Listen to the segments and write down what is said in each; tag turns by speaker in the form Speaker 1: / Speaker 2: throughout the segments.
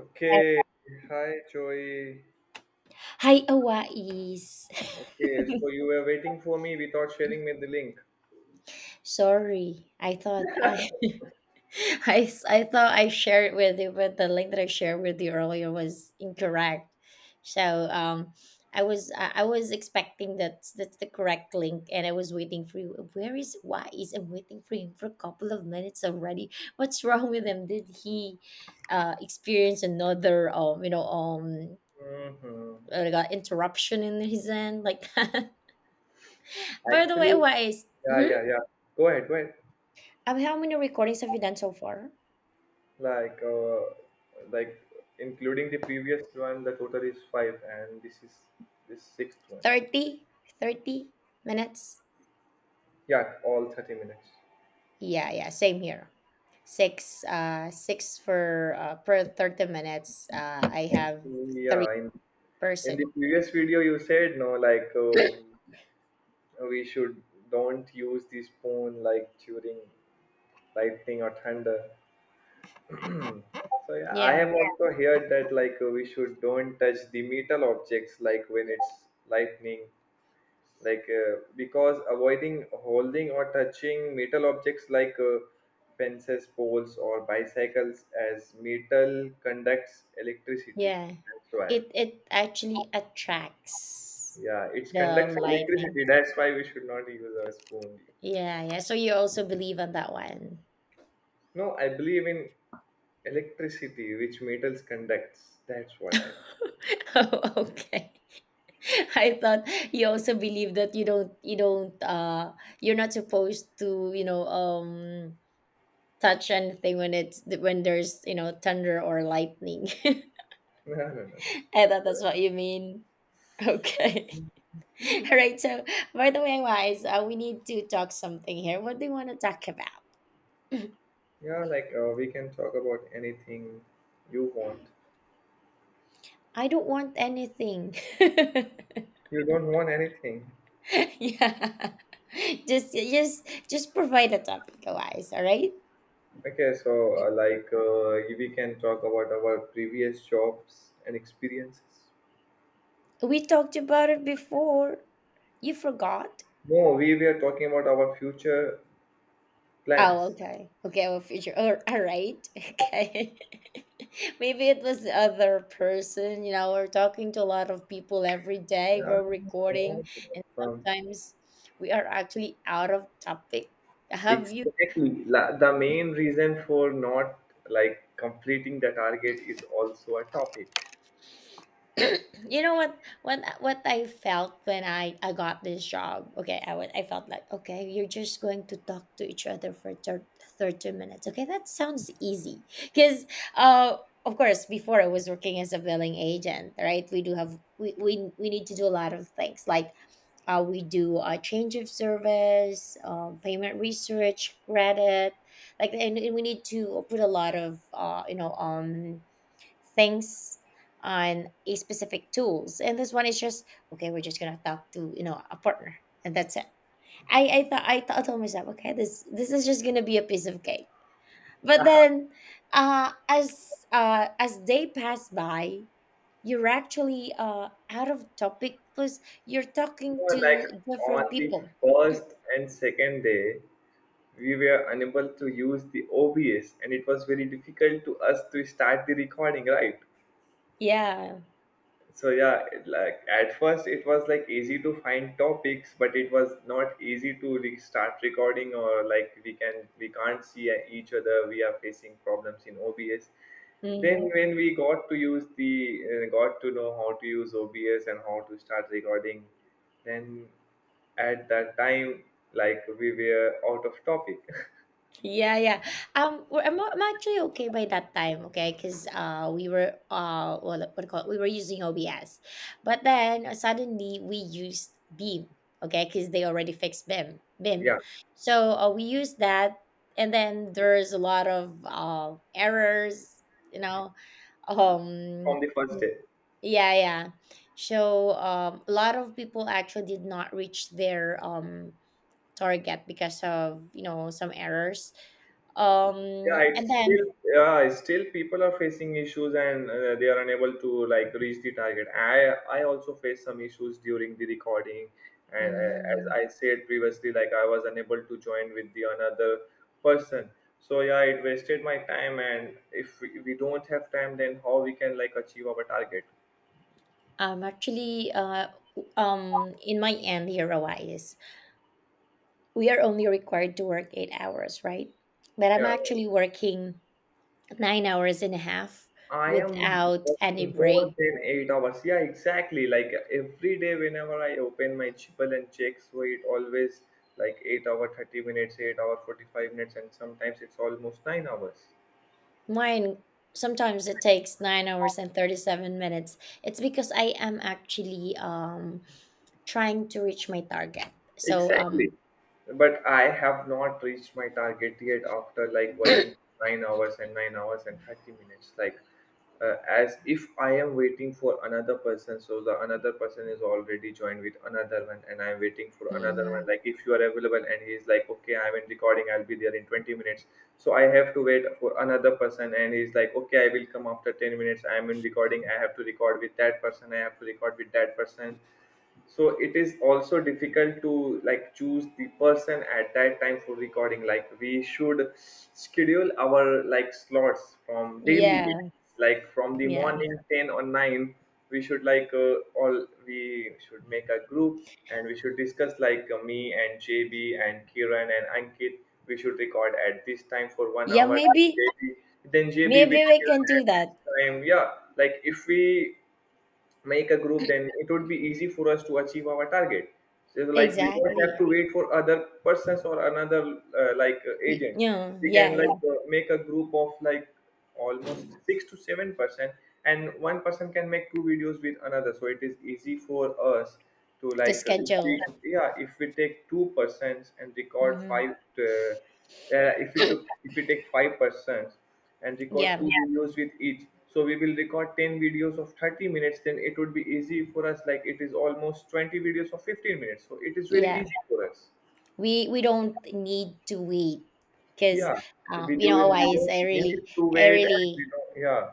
Speaker 1: Okay, hi Joey.
Speaker 2: Hi, Hawaii's.
Speaker 1: Okay, so you were waiting for me without sharing me the link.
Speaker 2: Sorry, I thought I shared with you, but the link that I shared with you earlier was incorrect. So um, I was expecting that that's the correct link, and I was waiting for you. Where is Hawaii's? I'm waiting for him for a couple of minutes already. What's wrong with him? Did he experience another
Speaker 1: Hmm.
Speaker 2: like a interruption in his end like that? By the way,
Speaker 1: Actually,
Speaker 2: Hawaii's.
Speaker 1: yeah, yeah, yeah. Go ahead, go ahead.
Speaker 2: How many recordings have you done so far?
Speaker 1: Like, uh, like including the previous one, the total is five, and this is this sixth one.
Speaker 2: 30? 30 minutes?
Speaker 1: Yeah, all 30 minutes.
Speaker 2: Yeah, yeah, same here. Six for per 30 minutes. I have three
Speaker 1: Yeah, in the
Speaker 2: person.
Speaker 1: previous video you said no, like we should don't use the spoon like during lightning or thunder. So yeah, I
Speaker 2: Yeah,
Speaker 1: have, yeah, also heard that like we should don't touch the metal objects like when it's lightning, like because avoiding holding or touching metal objects like fences, poles, or bicycles as metal conducts electricity.
Speaker 2: yeah.
Speaker 1: That's why.
Speaker 2: It actually attracts
Speaker 1: Yeah, it
Speaker 2: the
Speaker 1: conducts
Speaker 2: lightning.
Speaker 1: electricity. That's why we should not use our spoon.
Speaker 2: Yeah, yeah. So you also believe on that one.
Speaker 1: No, I believe in electricity which metals conducts. That's what I was.
Speaker 2: Oh, okay. I thought you also believe that you're not supposed to, touch anything when it's when there's thunder or lightning.
Speaker 1: No, no, no. No.
Speaker 2: I thought that's what you mean. Okay. All right, so by the way, guys, we need to talk something here. What do you want to talk about?
Speaker 1: Yeah, like we can talk about anything you want.
Speaker 2: I don't want anything.
Speaker 1: You don't want anything.
Speaker 2: Yeah, just provide a topic, guys. All right.
Speaker 1: Okay, so like we can talk about our previous jobs and experiences.
Speaker 2: We talked about it before. You forgot.
Speaker 1: No, we were talking about our future
Speaker 2: Oh,
Speaker 1: plans.
Speaker 2: okay. Okay. Well, future. All right. Okay. Maybe it was the other person. You know, we're talking to a lot of people every day.
Speaker 1: Yeah,
Speaker 2: We're recording, and
Speaker 1: um,
Speaker 2: sometimes we are actually out of topic. Have you?
Speaker 1: exactly. The main reason for not like completing the target is also a topic.
Speaker 2: You know what I felt when I got this job. Okay, I felt like okay, you're just going to talk to each other for 30 minutes. Okay, that sounds easy. Cuz uh of course before I was working as a billing agent, right? We do have we need to do a lot of things like we do a change of service, payment research, credit, like, and we need to put a lot of, things on a specific tools. And this one is just okay, we're just gonna talk to a partner, and that's it. I thought I told myself okay, this is just gonna be a piece of cake. But then as day pass by, you're actually out of topic plus you're
Speaker 1: You
Speaker 2: talking
Speaker 1: know, like
Speaker 2: to different
Speaker 1: on the
Speaker 2: people.
Speaker 1: first and second day, we were unable to use the OBS, and it was very difficult to us to start the recording, right?
Speaker 2: Yeah.
Speaker 1: So yeah, it, like at first it was like easy to find topics, but it was not easy to start recording or like we can't see each other. We are facing problems in OBS. Then
Speaker 2: Mhm.
Speaker 1: when we got to know how to use OBS and how to start recording, then at that time like we were out of topic.
Speaker 2: Yeah, yeah. I'm actually okay by that time, okay? Because we were what do you call it? We were using OBS, but then suddenly we used Beam, okay? Because they already fixed Beam.
Speaker 1: Yeah.
Speaker 2: So we used that, and then there's a lot of errors, you know. Um,
Speaker 1: From the first day.
Speaker 2: yeah, yeah. So a lot of people actually did not reach their target because of some errors. um
Speaker 1: Yeah,
Speaker 2: and
Speaker 1: it's still
Speaker 2: then
Speaker 1: yeah, it's still people are facing issues and they are unable to like reach the target. I also faced some issues during the recording, and as
Speaker 2: mhm,
Speaker 1: I said previously, like I was unable to join with the another person. So yeah, it wasted my time, and if we don't have time, then how we can like achieve our target?
Speaker 2: actually in my end here, Rawais, we are only required to work 8 hours, right? But I'm
Speaker 1: Yeah,
Speaker 2: actually working 9 hours and a half
Speaker 1: I am
Speaker 2: without any
Speaker 1: working more
Speaker 2: break.
Speaker 1: than 8 hours. Yeah, exactly. Like every day, whenever I open my Gmail and check, so it always like 8 hour, 30 minutes, 8 hour, 45 minutes, and sometimes it's almost 9 hours.
Speaker 2: Mine, sometimes it takes 9 hours and 37 minutes. It's because I am actually trying to reach my target. So
Speaker 1: Exactly. But I have not reached my target yet after like working 9 hours and 9 hours and 30 minutes. Like as if I am waiting for another person. So the another person is already joined with another one, and I'm waiting for another
Speaker 2: mhm,
Speaker 1: one. Like if you are available, and he's like, okay, I'm in recording. I'll be there in 20 minutes. So I have to wait for another person, and he's like, okay, I will come after 10 minutes. I'm in recording. I have to record with that person. I have to record with that person, so it is also difficult to like choose the person at that time for recording. Like we should schedule our like slots from daily
Speaker 2: yeah,
Speaker 1: basis, like from the
Speaker 2: yeah.
Speaker 1: morning 10 or 9 we should like all we should make a group and we should discuss like me and JB and Kiran and Ankit, we should record at this time for one
Speaker 2: Yeah,
Speaker 1: hour
Speaker 2: maybe
Speaker 1: JB, then JB with
Speaker 2: maybe we can
Speaker 1: Kiran
Speaker 2: do
Speaker 1: at
Speaker 2: that.
Speaker 1: this time. Yeah, like if we make a group then it would be easy for us to achieve our target, so it's like we don't have
Speaker 2: Exactly.
Speaker 1: to wait for other persons or another like agent.
Speaker 2: Yeah,
Speaker 1: We
Speaker 2: yeah,
Speaker 1: can like
Speaker 2: yeah.
Speaker 1: make a group of like almost 6 to 7%, and one person can make two videos with another, so it is easy for us to
Speaker 2: The
Speaker 1: like if we,
Speaker 2: schedule.
Speaker 1: yeah, if we take two persons and record
Speaker 2: Hmm.
Speaker 1: five uh, if we take five persons and record two,
Speaker 2: Yeah,
Speaker 1: yeah, videos with each. So we will record 10 videos of 30 minutes, then it would be easy for us. Like it is almost 20 videos of 15 minutes. So it is very
Speaker 2: yeah.
Speaker 1: easy for us.
Speaker 2: We don't need to wait because
Speaker 1: Yeah. We
Speaker 2: you
Speaker 1: do
Speaker 2: know,
Speaker 1: we
Speaker 2: otherwise
Speaker 1: don't
Speaker 2: I really
Speaker 1: need to
Speaker 2: I
Speaker 1: wait and we
Speaker 2: really
Speaker 1: don't, yeah.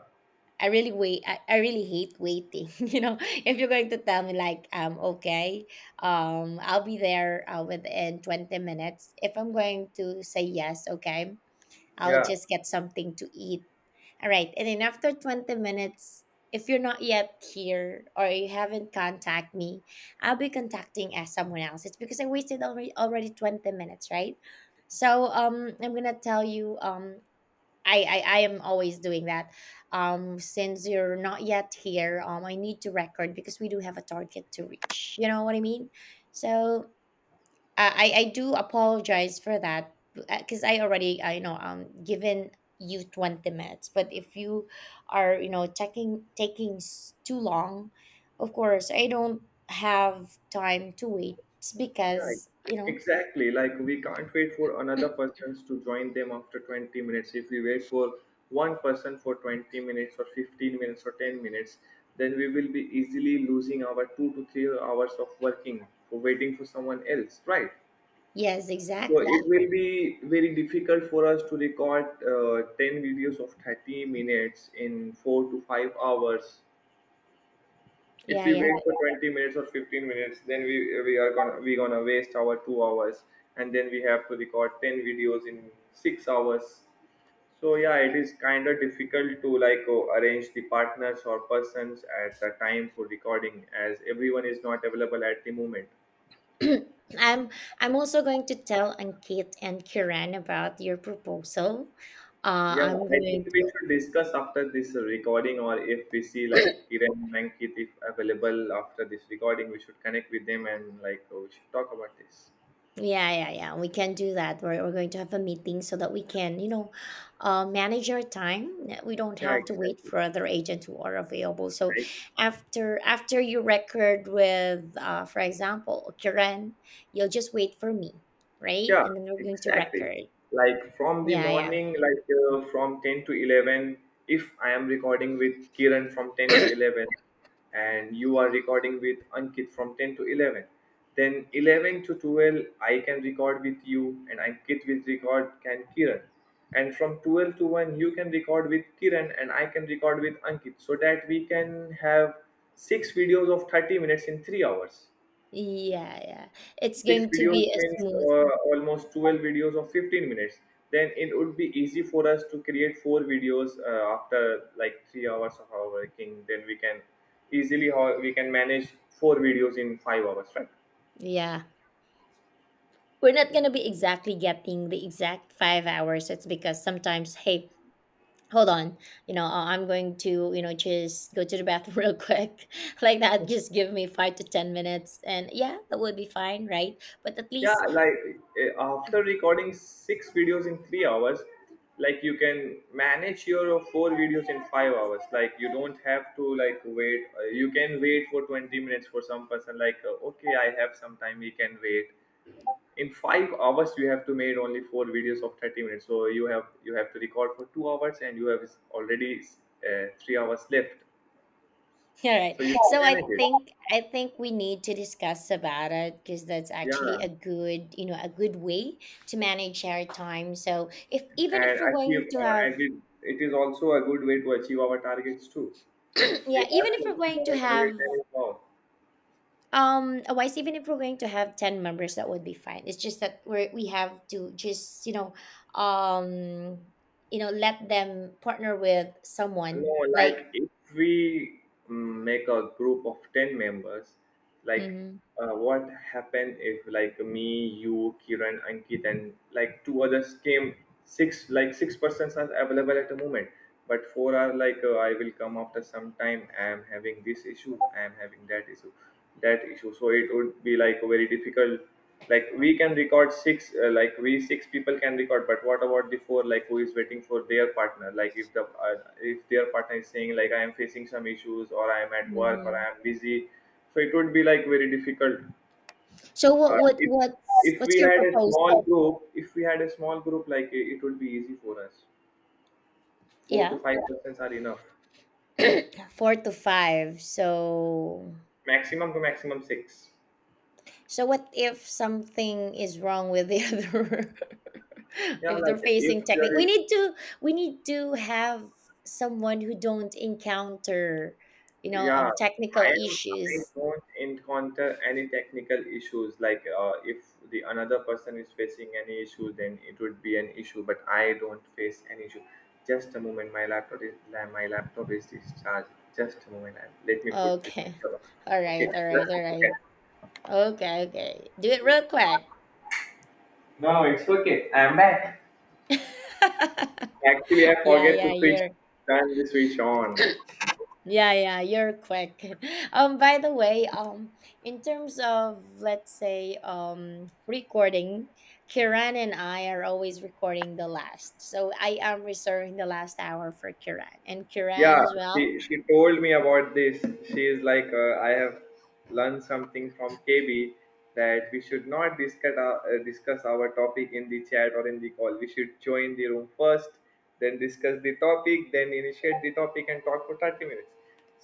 Speaker 2: I really wait I really hate waiting. You know, if you're going to tell me like okay, I'll be there within 20 minutes, if I'm going to say yes, okay, I'll
Speaker 1: Yeah.
Speaker 2: just get something to eat. All right. And then after 20 minutes, if you're not yet here or you haven't contact me, I'll be contacting as someone else. It's because I wasted already 20 minutes, right? So I'm gonna tell you I am always doing that. Since you're not yet here, I need to record because we do have a target to reach. You know what I mean? So I do apologize for that because I already I know given you 20 minutes, but if you are taking too long, of course I don't have time to wait. It's
Speaker 1: Yeah,
Speaker 2: because
Speaker 1: exactly. Like we can't wait for another persons to join them after 20 minutes. If we wait for one person for 20 minutes or 15 minutes or 10 minutes, then we will be easily losing our 2 to 3 hours of working for waiting for someone else, right?
Speaker 2: yes,
Speaker 1: So it
Speaker 2: exactly.
Speaker 1: will be very difficult for us to record 10 videos of 30 minutes in 4 to 5 hours. If
Speaker 2: Yeah,
Speaker 1: we
Speaker 2: yeah.
Speaker 1: wait for 20 minutes or 15 minutes, then we are gonna waste our 2 hours and then we have to record 10 videos in 6 hours. So yeah, it is kind of difficult to like arrange the partners or persons at the time for recording as everyone is not available at the moment.
Speaker 2: That I'm I'm also going to tell Ankit and Kiran about your proposal.
Speaker 1: Yeah,
Speaker 2: I'm
Speaker 1: I think
Speaker 2: going
Speaker 1: we should discuss after this recording, or if we see like
Speaker 2: to.
Speaker 1: Kiran and Ankit if available after this recording, we should connect with them and like we should talk about this.
Speaker 2: Yeah, yeah, yeah. We can do that. We're going to have a meeting so that we can, manage our time. We don't
Speaker 1: Yeah,
Speaker 2: have to wait
Speaker 1: exactly.
Speaker 2: for other agents who are available. So
Speaker 1: I.
Speaker 2: after you record with, for example, Karen, you'll just wait for me, right?
Speaker 1: Yeah,
Speaker 2: And then we're going to
Speaker 1: exactly.
Speaker 2: record.
Speaker 1: Like from the
Speaker 2: Yeah, yeah,
Speaker 1: morning, like from 10 to 11, if I am recording with Kiran from 10 to 11, and you are recording with Ankit from 10 to 11, then 11 to 12, I can record with you, and Ankit will record can Kiran. And from 12 to 1, you can record with Kiran, and I can record with Ankit, so that we can have six videos of 30 minutes in 3 hours.
Speaker 2: yeah, yeah. It's
Speaker 1: Six
Speaker 2: going to
Speaker 1: videos
Speaker 2: be a
Speaker 1: means
Speaker 2: smooth.
Speaker 1: almost 12 videos of 15 minutes, then it would be easy for us to create four videos after like 3 hours of our working, then we can easily how we can manage four videos in 5 hours, right?
Speaker 2: Yeah, we're not gonna be exactly getting the exact 5 hours. It's because sometimes, hey, hold on, I'm going to, just go to the bathroom. Real quick, like that. Just give me 5 to 10 minutes, and yeah, that would be fine, right? But at
Speaker 1: Yeah,
Speaker 2: least.
Speaker 1: like after recording six videos in 3 hours, like you can manage your four videos in 5 hours, like you don't have to like wait. You can wait for 20 minutes for some person, like okay, I have some time, we can wait. In 5 hours you have to made only four videos of 30 minutes, so you have to record for 2 hours and you have already 3 hours left,
Speaker 2: All right,
Speaker 1: so you
Speaker 2: so
Speaker 1: can
Speaker 2: i
Speaker 1: manage it.
Speaker 2: think i think we need to discuss about it because that's actually
Speaker 1: Yeah,
Speaker 2: a good way to manage our time. So if even if
Speaker 1: and
Speaker 2: we're going
Speaker 1: achieve
Speaker 2: to have
Speaker 1: and it is also a good way to achieve our targets too. We
Speaker 2: yeah,
Speaker 1: have
Speaker 2: even
Speaker 1: to
Speaker 2: if we're
Speaker 1: achieve
Speaker 2: going to
Speaker 1: our
Speaker 2: have.
Speaker 1: targets and evolve.
Speaker 2: Otherwise, even if we're going to have 10 members, that would be fine. It's just that we have to just um, let them partner with
Speaker 1: No,
Speaker 2: someone like.
Speaker 1: like if we, make a group of 10 members, like
Speaker 2: Hmm.
Speaker 1: what happened if like me, you, Kiran, Ankit, and like two others came, six, like six persons are available at the moment, but four are like, I will come after some time, I am having this issue, I am having that issue, that issue. So it would be like very difficult. Like we can record six like we six people can record, but what about the four like who is waiting for their partner? Like if their partner is saying like I am facing some issues or I am at work or I
Speaker 2: Hmm.
Speaker 1: am busy, so it would be like very difficult.
Speaker 2: So what
Speaker 1: uh,
Speaker 2: what
Speaker 1: if
Speaker 2: what's
Speaker 1: if
Speaker 2: what's
Speaker 1: we
Speaker 2: your
Speaker 1: had a small
Speaker 2: proposal?
Speaker 1: group, if we had a small group, like it would be easy for us. Four to
Speaker 2: Yeah,
Speaker 1: five persons are enough,
Speaker 2: four to five. So
Speaker 1: maximum to maximum six.
Speaker 2: What if something is wrong with the other?
Speaker 1: Yeah,
Speaker 2: If they're
Speaker 1: like if
Speaker 2: facing technique, we
Speaker 1: there is.
Speaker 2: need to we need to have someone who don't encounter,
Speaker 1: Yeah,
Speaker 2: technical
Speaker 1: I am. I
Speaker 2: issues.
Speaker 1: don't encounter any technical issues. Like if the another person is facing any issue, then it would be an issue. But I don't face any issue. Just a moment, my laptop is discharged. Just a moment, let me put the
Speaker 2: Okay,
Speaker 1: picture on.
Speaker 2: all
Speaker 1: Okay,
Speaker 2: right, all right,
Speaker 1: just a
Speaker 2: all
Speaker 1: second.
Speaker 2: right. Okay, okay. Do it real quick.
Speaker 1: No, it's okay. I'm back. Actually, I
Speaker 2: Yeah,
Speaker 1: forget
Speaker 2: yeah,
Speaker 1: to switch.
Speaker 2: you're
Speaker 1: Turn the switch on.
Speaker 2: yeah, yeah, you're quick. By the way, in terms of, let's say, recording, Kiran and I are always recording the last. So I am reserving the last hour for Kiran, and Kiran
Speaker 1: Yeah,
Speaker 2: as well.
Speaker 1: she told me about this. She is like, I have learned something from KB that we should not discuss our topic in the chat or in the call. We should join the room first, then discuss the topic, then initiate the topic and talk for 30 minutes.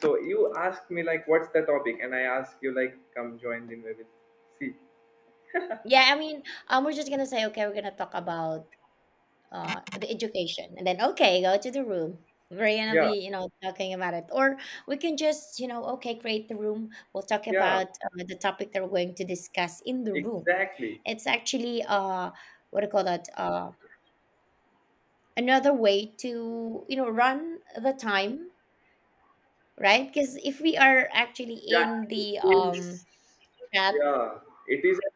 Speaker 1: So you asked me like, what's the topic? And I asked you like, come join the maybe. See,
Speaker 2: Yeah, I mean, we're just gonna say okay, we're gonna talk about the education, and then okay, go to the room, we're gonna
Speaker 1: yeah,
Speaker 2: be talking about it. Or we can just okay, create the room, we'll talk
Speaker 1: yeah,
Speaker 2: about the topic that we're going to discuss in the room.
Speaker 1: exactly.
Speaker 2: It's actually what do you call that, another way to run the time, right? Because if we are actually
Speaker 1: yeah
Speaker 2: in the
Speaker 1: it is
Speaker 2: chat.
Speaker 1: yeah, it is a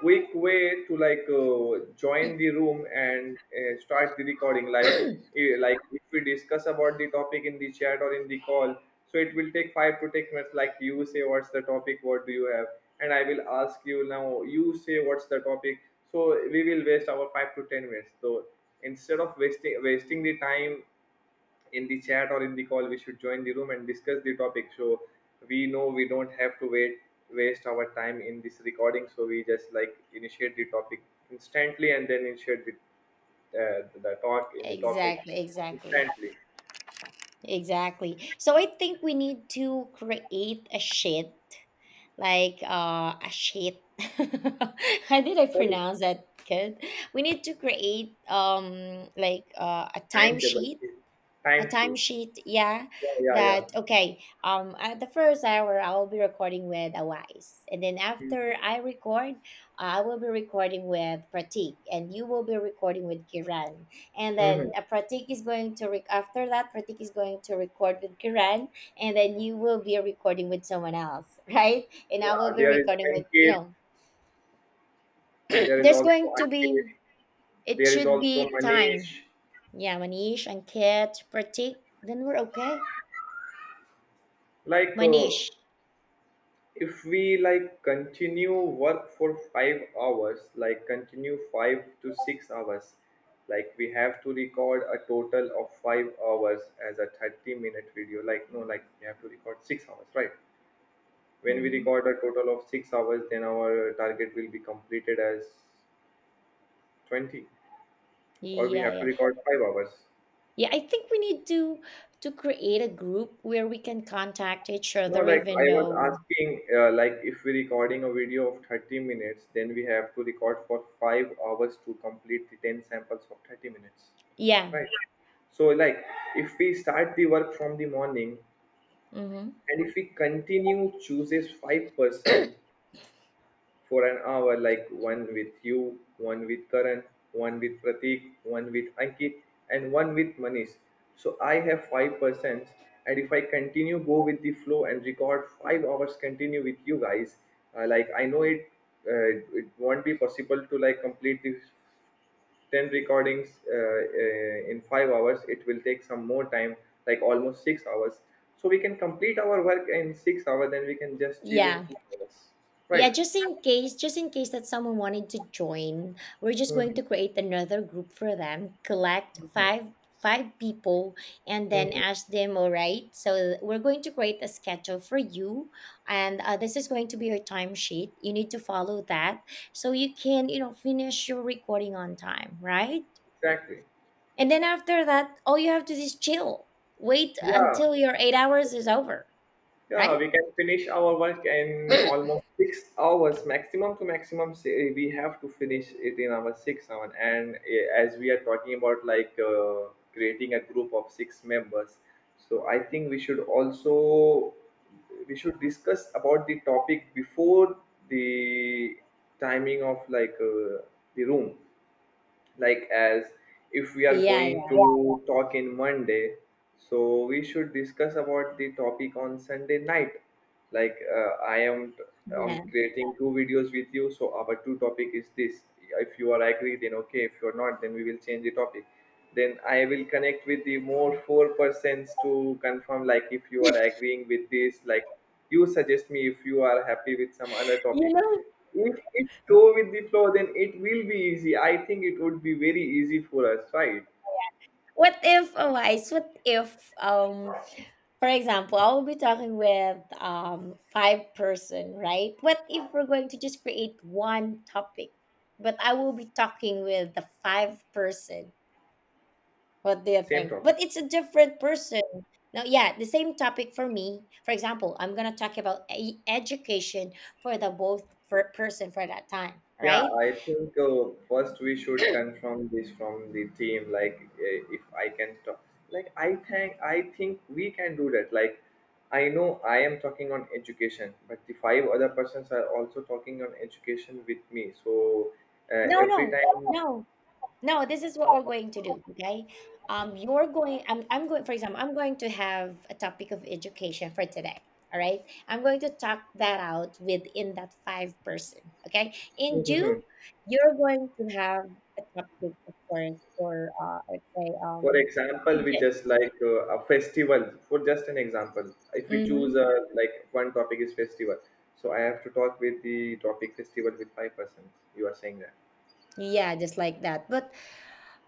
Speaker 1: quick way to, like, join the room, and start the recording live. Like, if we discuss about the topic in the chat or in the call, so it will take 5 to 10 minutes. Like, you say what's the topic, what do you have, and I will ask you, now you say what's the topic. So we will waste our 5 to 10 minutes. So instead of wasting the time in the chat or in the call, we should join the room and discuss the topic. So we know we don't have to wait waste our time in this recording, so we just, like, initiate the topic instantly and then initiate the talk in the topic
Speaker 2: Exactly, exactly,
Speaker 1: instantly.
Speaker 2: exactly. So I think we need to create a sheet, like a sheet. How did I
Speaker 1: Sorry.
Speaker 2: pronounce that good? We need to create like a
Speaker 1: Timetable.
Speaker 2: timesheet. A
Speaker 1: Time sheet.
Speaker 2: timesheet, yeah.
Speaker 1: Yeah, yeah, yeah.
Speaker 2: That okay, at the first hour, I will be recording with Awais, and then
Speaker 1: Mhm.
Speaker 2: after I record, I will be recording with Pratik, and you will be recording with Kiran. And then
Speaker 1: Mhm.
Speaker 2: pratik is going to rec- after that, Pratik is going to record with Kiran. And then you will be recording with someone else. Right. And I
Speaker 1: Yeah,
Speaker 2: will be
Speaker 1: there is
Speaker 2: recording with you
Speaker 1: Ankit.
Speaker 2: know
Speaker 1: There is
Speaker 2: There's
Speaker 1: also
Speaker 2: going to
Speaker 1: Ankit.
Speaker 2: be. It
Speaker 1: There is
Speaker 2: should
Speaker 1: also
Speaker 2: be
Speaker 1: Manish.
Speaker 2: time. Yeah, Manish and Kit, Pratik. Then we're okay.
Speaker 1: Like,
Speaker 2: Manish.
Speaker 1: if we, like, continue work for 5 hours, like, continue 5 to 6 hours, like, we have to record a total of 5 hours as a 30-minute video. Like, no, like, we have to record 6 hours, right? When we
Speaker 2: Hmm.
Speaker 1: record a total of 6 hours, then our target will be completed as 20, or we
Speaker 2: Yeah,
Speaker 1: have to
Speaker 2: yeah,
Speaker 1: record 5 hours.
Speaker 2: yeah. I think we need to create a group where we can contact each
Speaker 1: No,
Speaker 2: other,
Speaker 1: like
Speaker 2: even
Speaker 1: I was
Speaker 2: though.
Speaker 1: asking, like if we're recording a video of 30 minutes, then we have to record for 5 hours to complete the 10 samples of 30 minutes,
Speaker 2: Yeah.
Speaker 1: right? So, like if we start the work from the morning
Speaker 2: Hmm.
Speaker 1: and if we continue chooses five person, for an hour, like one with you, one with Karan, one with Pratik, one with Ankit, and one with Manish. So I have five persons, and if I continue go with the flow and record 5 hours continue with you guys, like I know it, it won't be possible to like complete these ten recordings in 5 hours. It will take some more time, like almost 6 hours. So we can complete our work in 6 hours, then we can just chill in
Speaker 2: Yeah.
Speaker 1: 2 hours,
Speaker 2: Yeah,
Speaker 1: right?
Speaker 2: just in case that someone wanted to join, we're just going
Speaker 1: Mhm.
Speaker 2: to create another group for them, collect five people, and then
Speaker 1: Mhm.
Speaker 2: ask them, all right, so we're going to create a schedule for you, and this is going to be your timesheet. You need to follow that so you can, finish your recording on time, right?
Speaker 1: Exactly.
Speaker 2: And then after that, all you have to do is chill. Wait
Speaker 1: Yeah,
Speaker 2: until your 8 hours is over,
Speaker 1: yeah.
Speaker 2: right?
Speaker 1: We can finish our work in
Speaker 2: Yeah,
Speaker 1: almost 6 hours, maximum to maximum. Say we have to finish it in our 6 hours. And, as we are talking about, like, creating a group of six members, so I think we should discuss about the topic before the timing of, like, the room. Like, as if we are
Speaker 2: yeah,
Speaker 1: going to talk in Monday, so we should discuss about the topic on Sunday night. Like, I'm
Speaker 2: yeah.
Speaker 1: creating two videos with you, so our two topic is this. If you are agree then okay, if you're not then we will change the topic. Then I will connect with the more four persons to confirm, like if you are agreeing with this. Like, you suggest me if you are happy with some other
Speaker 2: You
Speaker 1: topic.
Speaker 2: know
Speaker 1: If it's go with the flow, then it will be easy. I think it would be very easy for us, right?
Speaker 2: what if oh, guys, what if for example, I will be talking with five person, right? What if we're going to just create one topic, but I will be talking with the five person? What do you
Speaker 1: Same
Speaker 2: think?
Speaker 1: topic.
Speaker 2: But it's a different person. No. Yeah, the same topic for me. For example, I'm gonna talk about education for the both for person for that time,
Speaker 1: Yeah,
Speaker 2: right?
Speaker 1: I think first we should confirm this from the team. Like, if I can talk, like I think we can do that. Like, I know I am talking on education, but the five other persons are also talking on education with me. So
Speaker 2: No,
Speaker 1: every
Speaker 2: no,
Speaker 1: time,
Speaker 2: no. No, this is what we're going to do. Okay. I'm going, for example, I'm going to have a topic of education for today. All right. I'm going to talk that out within that five person. Okay. And you, you're going to have a topic, of course, for, let's say,
Speaker 1: for example, we just, like, a festival. For just an example, if we choose
Speaker 2: hmm
Speaker 1: like one topic is festival, so I have to talk with the topic festival with five persons. You are saying that?
Speaker 2: yeah, just like that. But,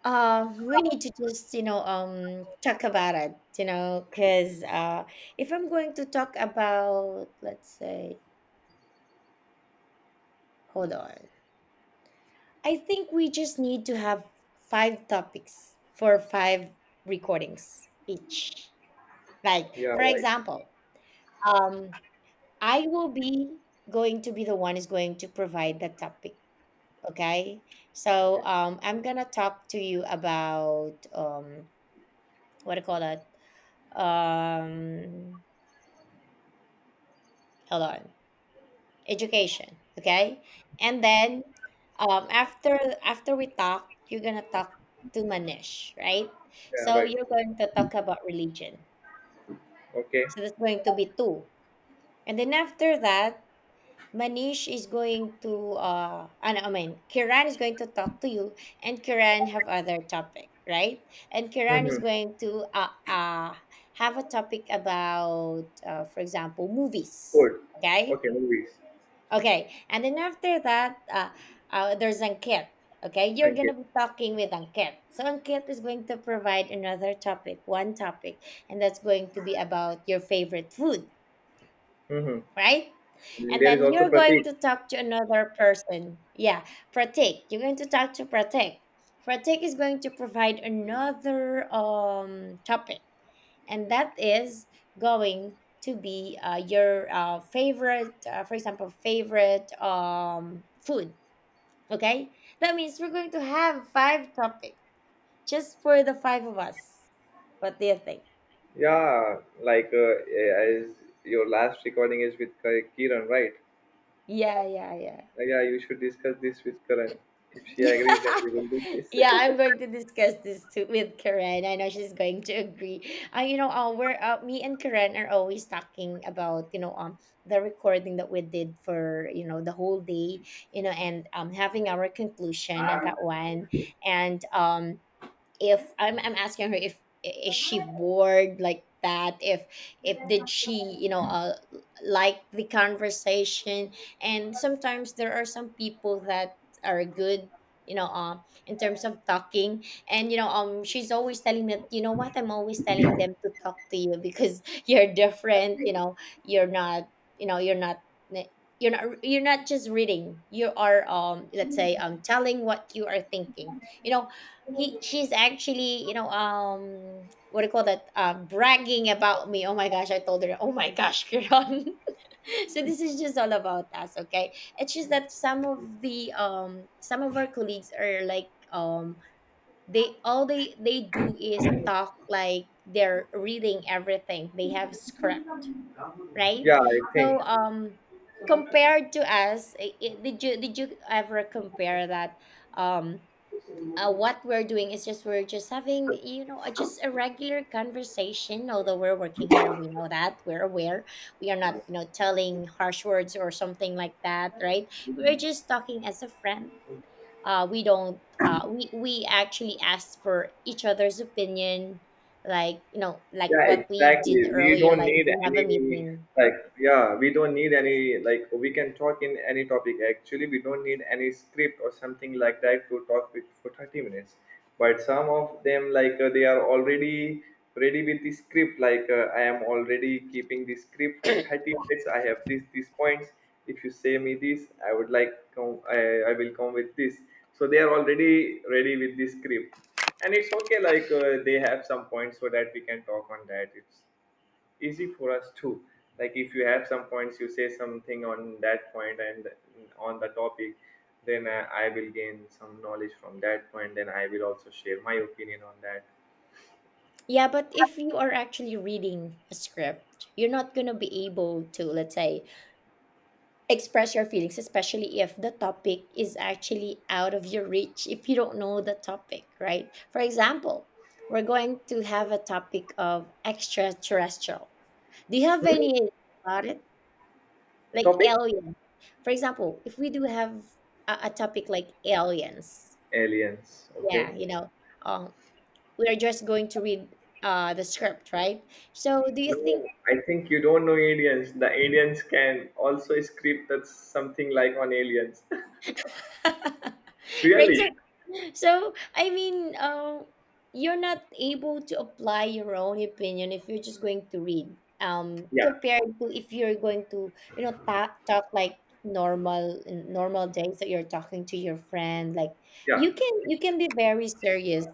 Speaker 2: we need to just, you know, talk about it, you know, because, if I'm going to talk about, let's say, hold on. I think we just need to have five topics for five recordings each. Like,
Speaker 1: Yeah,
Speaker 2: for
Speaker 1: right.
Speaker 2: example, um, I will be going to be the one is going to provide the topic. Okay. So
Speaker 1: Okay.
Speaker 2: I'm gonna talk to you about what do you call that? Um, hold on. Education. Okay. And then after we talk, you're gonna talk to Manish, right?
Speaker 1: Yeah,
Speaker 2: So
Speaker 1: right.
Speaker 2: you're going to talk about religion.
Speaker 1: Okay.
Speaker 2: So that's going to be two. And then after that, Manish is going to I mean, Kiran is going to talk to you, and Kiran have other topic, right? And Kiran is
Speaker 1: Mm-hmm.
Speaker 2: going to have a topic about, for example, movies.
Speaker 1: Good.
Speaker 2: Okay.
Speaker 1: Okay, movies.
Speaker 2: Okay, and then after that, there's Ankit. Okay, you're gonna
Speaker 1: Ankit.
Speaker 2: be talking with Ankit. So Ankit is going to provide another topic, one topic, and that's going to be about your favorite food,
Speaker 1: Mm-hmm.
Speaker 2: right? And
Speaker 1: There is
Speaker 2: then
Speaker 1: also
Speaker 2: you're going
Speaker 1: Pratik.
Speaker 2: to talk to another person. Yeah, Pratik. You're going to talk to Pratik. Pratik is going to provide another topic, and that is going to be your favorite, for example, favorite food. Okay. That means we're going to have five topics just for the five of us. What do you think?
Speaker 1: Yeah, like as your last recording is with Kiran, right?
Speaker 2: Yeah, yeah, yeah.
Speaker 1: Yeah, you should discuss this with Karan. If she
Speaker 2: Yeah.
Speaker 1: agrees, then we will do this.
Speaker 2: Yeah, I'm going to discuss this too with Karen. I know she's going to agree. You know, we're, me and Karen are always talking about, you know, the recording that we did for, you know, the whole day, you know, and having our conclusion of that one, and if I'm asking her if is she bored like that, if did she, you know, like the conversation. And sometimes there are some people that are good, you know, in terms of talking. And you know, she's always telling me that, you know what, I'm always telling them to talk to you, because you're different, you know. You're not, you know, you're not, eh, you're not, just reading, you are let's say telling what you are thinking, you know. He She's actually, you know, what do you call that, bragging about me. Oh my gosh, I told her, oh my gosh, Kiran. So this is just all about us. Okay, it's just that some of the some of our colleagues are like, they all, they do is talk like they're reading everything, they have script, right?
Speaker 1: Yeah, I
Speaker 2: So
Speaker 1: think.
Speaker 2: compared to us, did you, ever compare that? um what we're doing is just, we're just having, you know, just a regular conversation, although we're working here, we know that we're aware. We are not, you know, telling harsh words or something like that, right? We're just talking as a friend. We don't, we actually ask for each other's opinion, like, you know, like
Speaker 1: Yeah,
Speaker 2: what we did
Speaker 1: exactly. We
Speaker 2: earlier,
Speaker 1: don't
Speaker 2: like
Speaker 1: need
Speaker 2: we have a
Speaker 1: any,
Speaker 2: meeting.
Speaker 1: like, yeah, we don't need any, like, we can talk in any topic. Actually, we don't need any script or something like that to talk with for 30 minutes. But some of them, like, they are already ready with the script. Like, I am already keeping the script for 30 minutes. I have this these points. If you say me this, I would like come. I will come with this, so they are already ready with the script, and it's okay, like, they have some points so that we can talk on that, it's easy for us too. Like if you have some points, you say something on that point and on the topic. Then I will gain some knowledge from that point, then I will also share my opinion on that.
Speaker 2: Yeah, but if you are actually reading a script, you're not going to be able to, let's say, express your feelings, especially if the topic is actually out of your reach, if you don't know the topic, right? For example, we're going to have a topic of extraterrestrial. Do you have
Speaker 1: Hmm?
Speaker 2: any idea about it? Like
Speaker 1: Topic.
Speaker 2: aliens. For example, if we do have a topic like aliens,
Speaker 1: Aliens.
Speaker 2: yeah,
Speaker 1: Okay.
Speaker 2: you know, um we're just going to read the script, right? So do you
Speaker 1: No,
Speaker 2: think?
Speaker 1: I think you don't know aliens, the aliens can also script, that's something like on aliens.
Speaker 2: Right.
Speaker 1: Really.
Speaker 2: So, so I mean, you're not able to apply your own opinion if you're just going to read,
Speaker 1: Yeah,
Speaker 2: compared to if you're going to, you know, talk, like normal, in normal days that you're talking to your friend. Like,
Speaker 1: yeah.
Speaker 2: you can, be very serious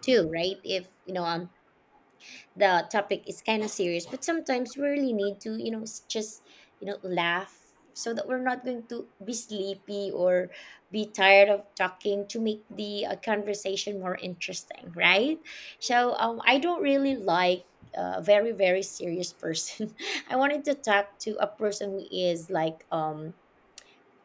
Speaker 2: too, right? If you know on the topic is kind of serious, but sometimes we really need to, you know, just, you know, laugh, so that we're not going to be sleepy or be tired of talking, to make the conversation more interesting, right? So I don't really like a very, very serious person. I wanted to talk to a person who is like,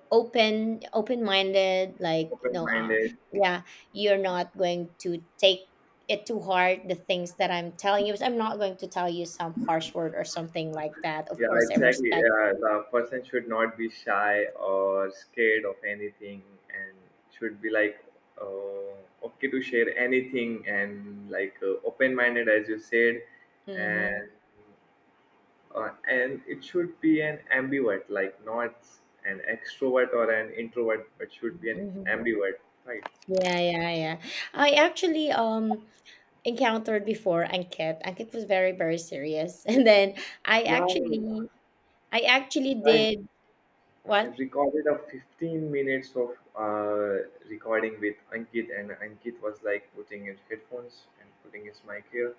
Speaker 2: open, minded, like, you know,
Speaker 1: Open-minded.
Speaker 2: yeah. You're not going to take it to heart, the things that I'm telling you. I'm not going to tell you some harsh word or something like that. Of
Speaker 1: Yeah,
Speaker 2: course I
Speaker 1: exactly.
Speaker 2: respect.
Speaker 1: Yeah, the person should not be shy or scared of anything, and should be like, uh, okay to share anything, and like, open-minded, as you said,
Speaker 2: Hmm.
Speaker 1: and and it should be an ambivert, like not an extrovert or an introvert, but should be an
Speaker 2: Hmm.
Speaker 1: ambivert, right?
Speaker 2: Yeah, yeah, yeah. I actually encountered before ankit Ankit was very, very serious. And then I
Speaker 1: Yeah, yeah,
Speaker 2: actually,
Speaker 1: yeah.
Speaker 2: did
Speaker 1: I
Speaker 2: what?
Speaker 1: recorded a 15 minutes of uh, recording with Ankit, and Ankit was like putting his headphones and putting his mic here.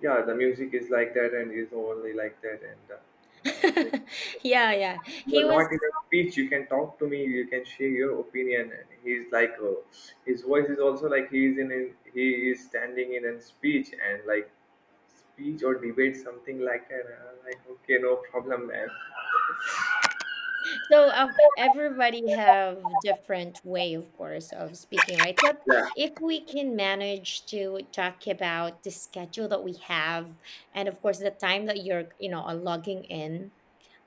Speaker 1: Yeah, the music is like that, and is only like that. And I was like,
Speaker 2: Yeah, yeah.
Speaker 1: you
Speaker 2: He
Speaker 1: are
Speaker 2: was.
Speaker 1: not in a speech. You can talk to me. You can share your opinion. And he's like, his voice is also like he is standing in a speech and like speech or debate something like that. And I'm like, okay, no problem, man.
Speaker 2: So, everybody have different way, of course, of speaking, right? But
Speaker 1: Yeah.
Speaker 2: if we can manage to talk about the schedule that we have, and of course the time that you're, you know, are logging in,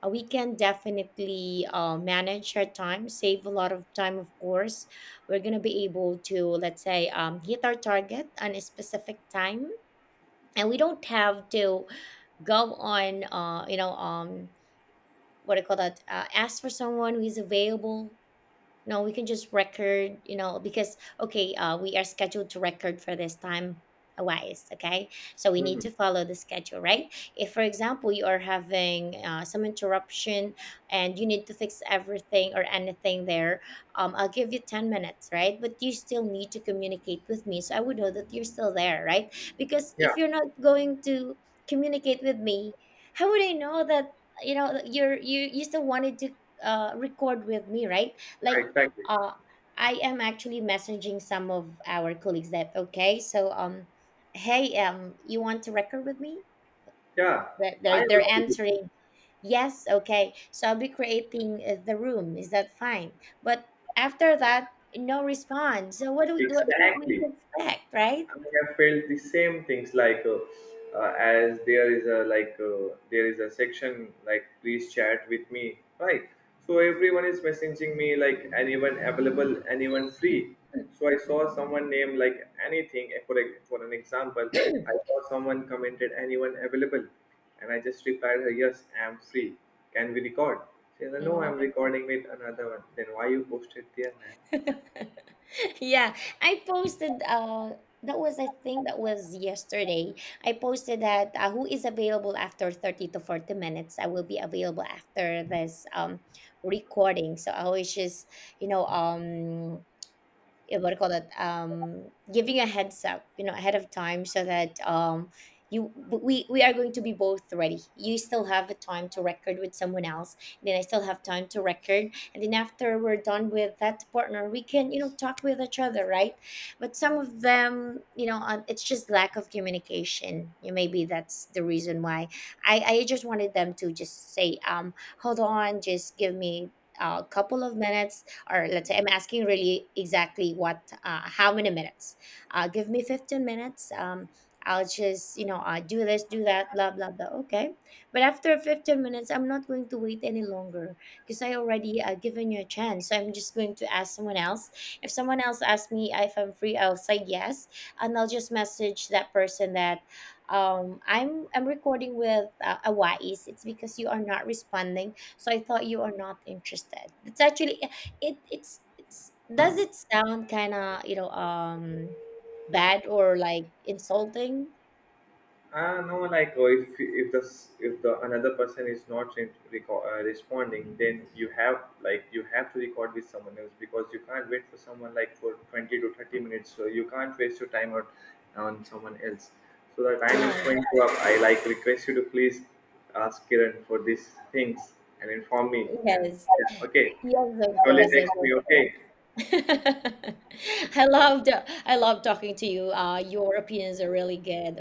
Speaker 2: we can definitely, manage our time, save a lot of time. Of course, we're gonna be able to, let's say, hit our target on a specific time, and we don't have to go on, you know, what do you call that? Ask for someone who is available. No, we can just record, you know, because okay, we are scheduled to record for this time wise, okay? So we need
Speaker 1: Hmm.
Speaker 2: to follow the schedule, right? If, for example, you are having, some interruption, and you need to fix everything or anything there, I'll give you 10 minutes, right? But you still need to communicate with me, so I would know that you're still there, right? Because
Speaker 1: Yeah.
Speaker 2: if you're not going to communicate with me, how would I know that, you know, that you're, you still wanted to, record with me, right? Like,
Speaker 1: Exactly.
Speaker 2: uh, I am actually messaging some of our colleagues that, okay, so, hey, you want to record with me?
Speaker 1: Yeah,
Speaker 2: That
Speaker 1: I
Speaker 2: they're
Speaker 1: also do.
Speaker 2: answering yes, okay. So I'll be creating, the room. Is that fine? But after that, no response. So what do, what do you want me
Speaker 1: Exactly.
Speaker 2: to expect, right?
Speaker 1: I mean, I felt the same things, like as there is a, like, there is a section like please chat with me, right? So everyone is messaging me like anyone available, anyone free. So I saw someone name like anything, for an example. I saw someone commented anyone available, and I just replied her yes, I am free. Can we record? She said no,
Speaker 2: Mhm.
Speaker 1: I'm recording with another one. Then why you posted there, man?
Speaker 2: Yeah, I posted. That was, I think that was yesterday. I posted that, who is available after 30 to 40 minutes. I will be available after this recording. So I was just, you know, yeah, what do you call that, giving a heads up, you know, ahead of time, so that you, we are going to be both ready. You still have the time to record with someone else, and then I still have time to record, and then after we're done with that partner, we can, you know, talk with each other, right? But some of them, you know, it's just lack of communication, you, maybe that's the reason why. I just wanted them to just say, hold on, just give me a couple of minutes, or let's say, I'm asking really exactly what, how many minutes, give me 15 minutes, I'll just, you know, do this, do that, blah blah blah. Okay, but after 15 minutes I'm not going to wait any longer, because I already, given you a chance. So I'm just going to ask someone else. If someone else asks me if I'm free, I'll say yes, and I'll just message that person that, I'm, recording with, a, it's because you are not responding, so I thought you are not interested. That's actually, it's, does it sound kind of, you know, bad or like insulting?
Speaker 1: No, like if if the another person is not responding, then you have to record with someone else, because you can't wait for someone like for 20 to 30 minutes. So you can't waste your time out on someone else. So the time is
Speaker 2: Yes,
Speaker 1: going to up. I like request you to please ask Kiran for these things, and inform me. And
Speaker 2: yes,
Speaker 1: okay,
Speaker 2: yes, of
Speaker 1: surely
Speaker 2: course, yes,
Speaker 1: text
Speaker 2: of
Speaker 1: me. Okay,
Speaker 2: course. i loved I love talking to you. Your opinions are really good.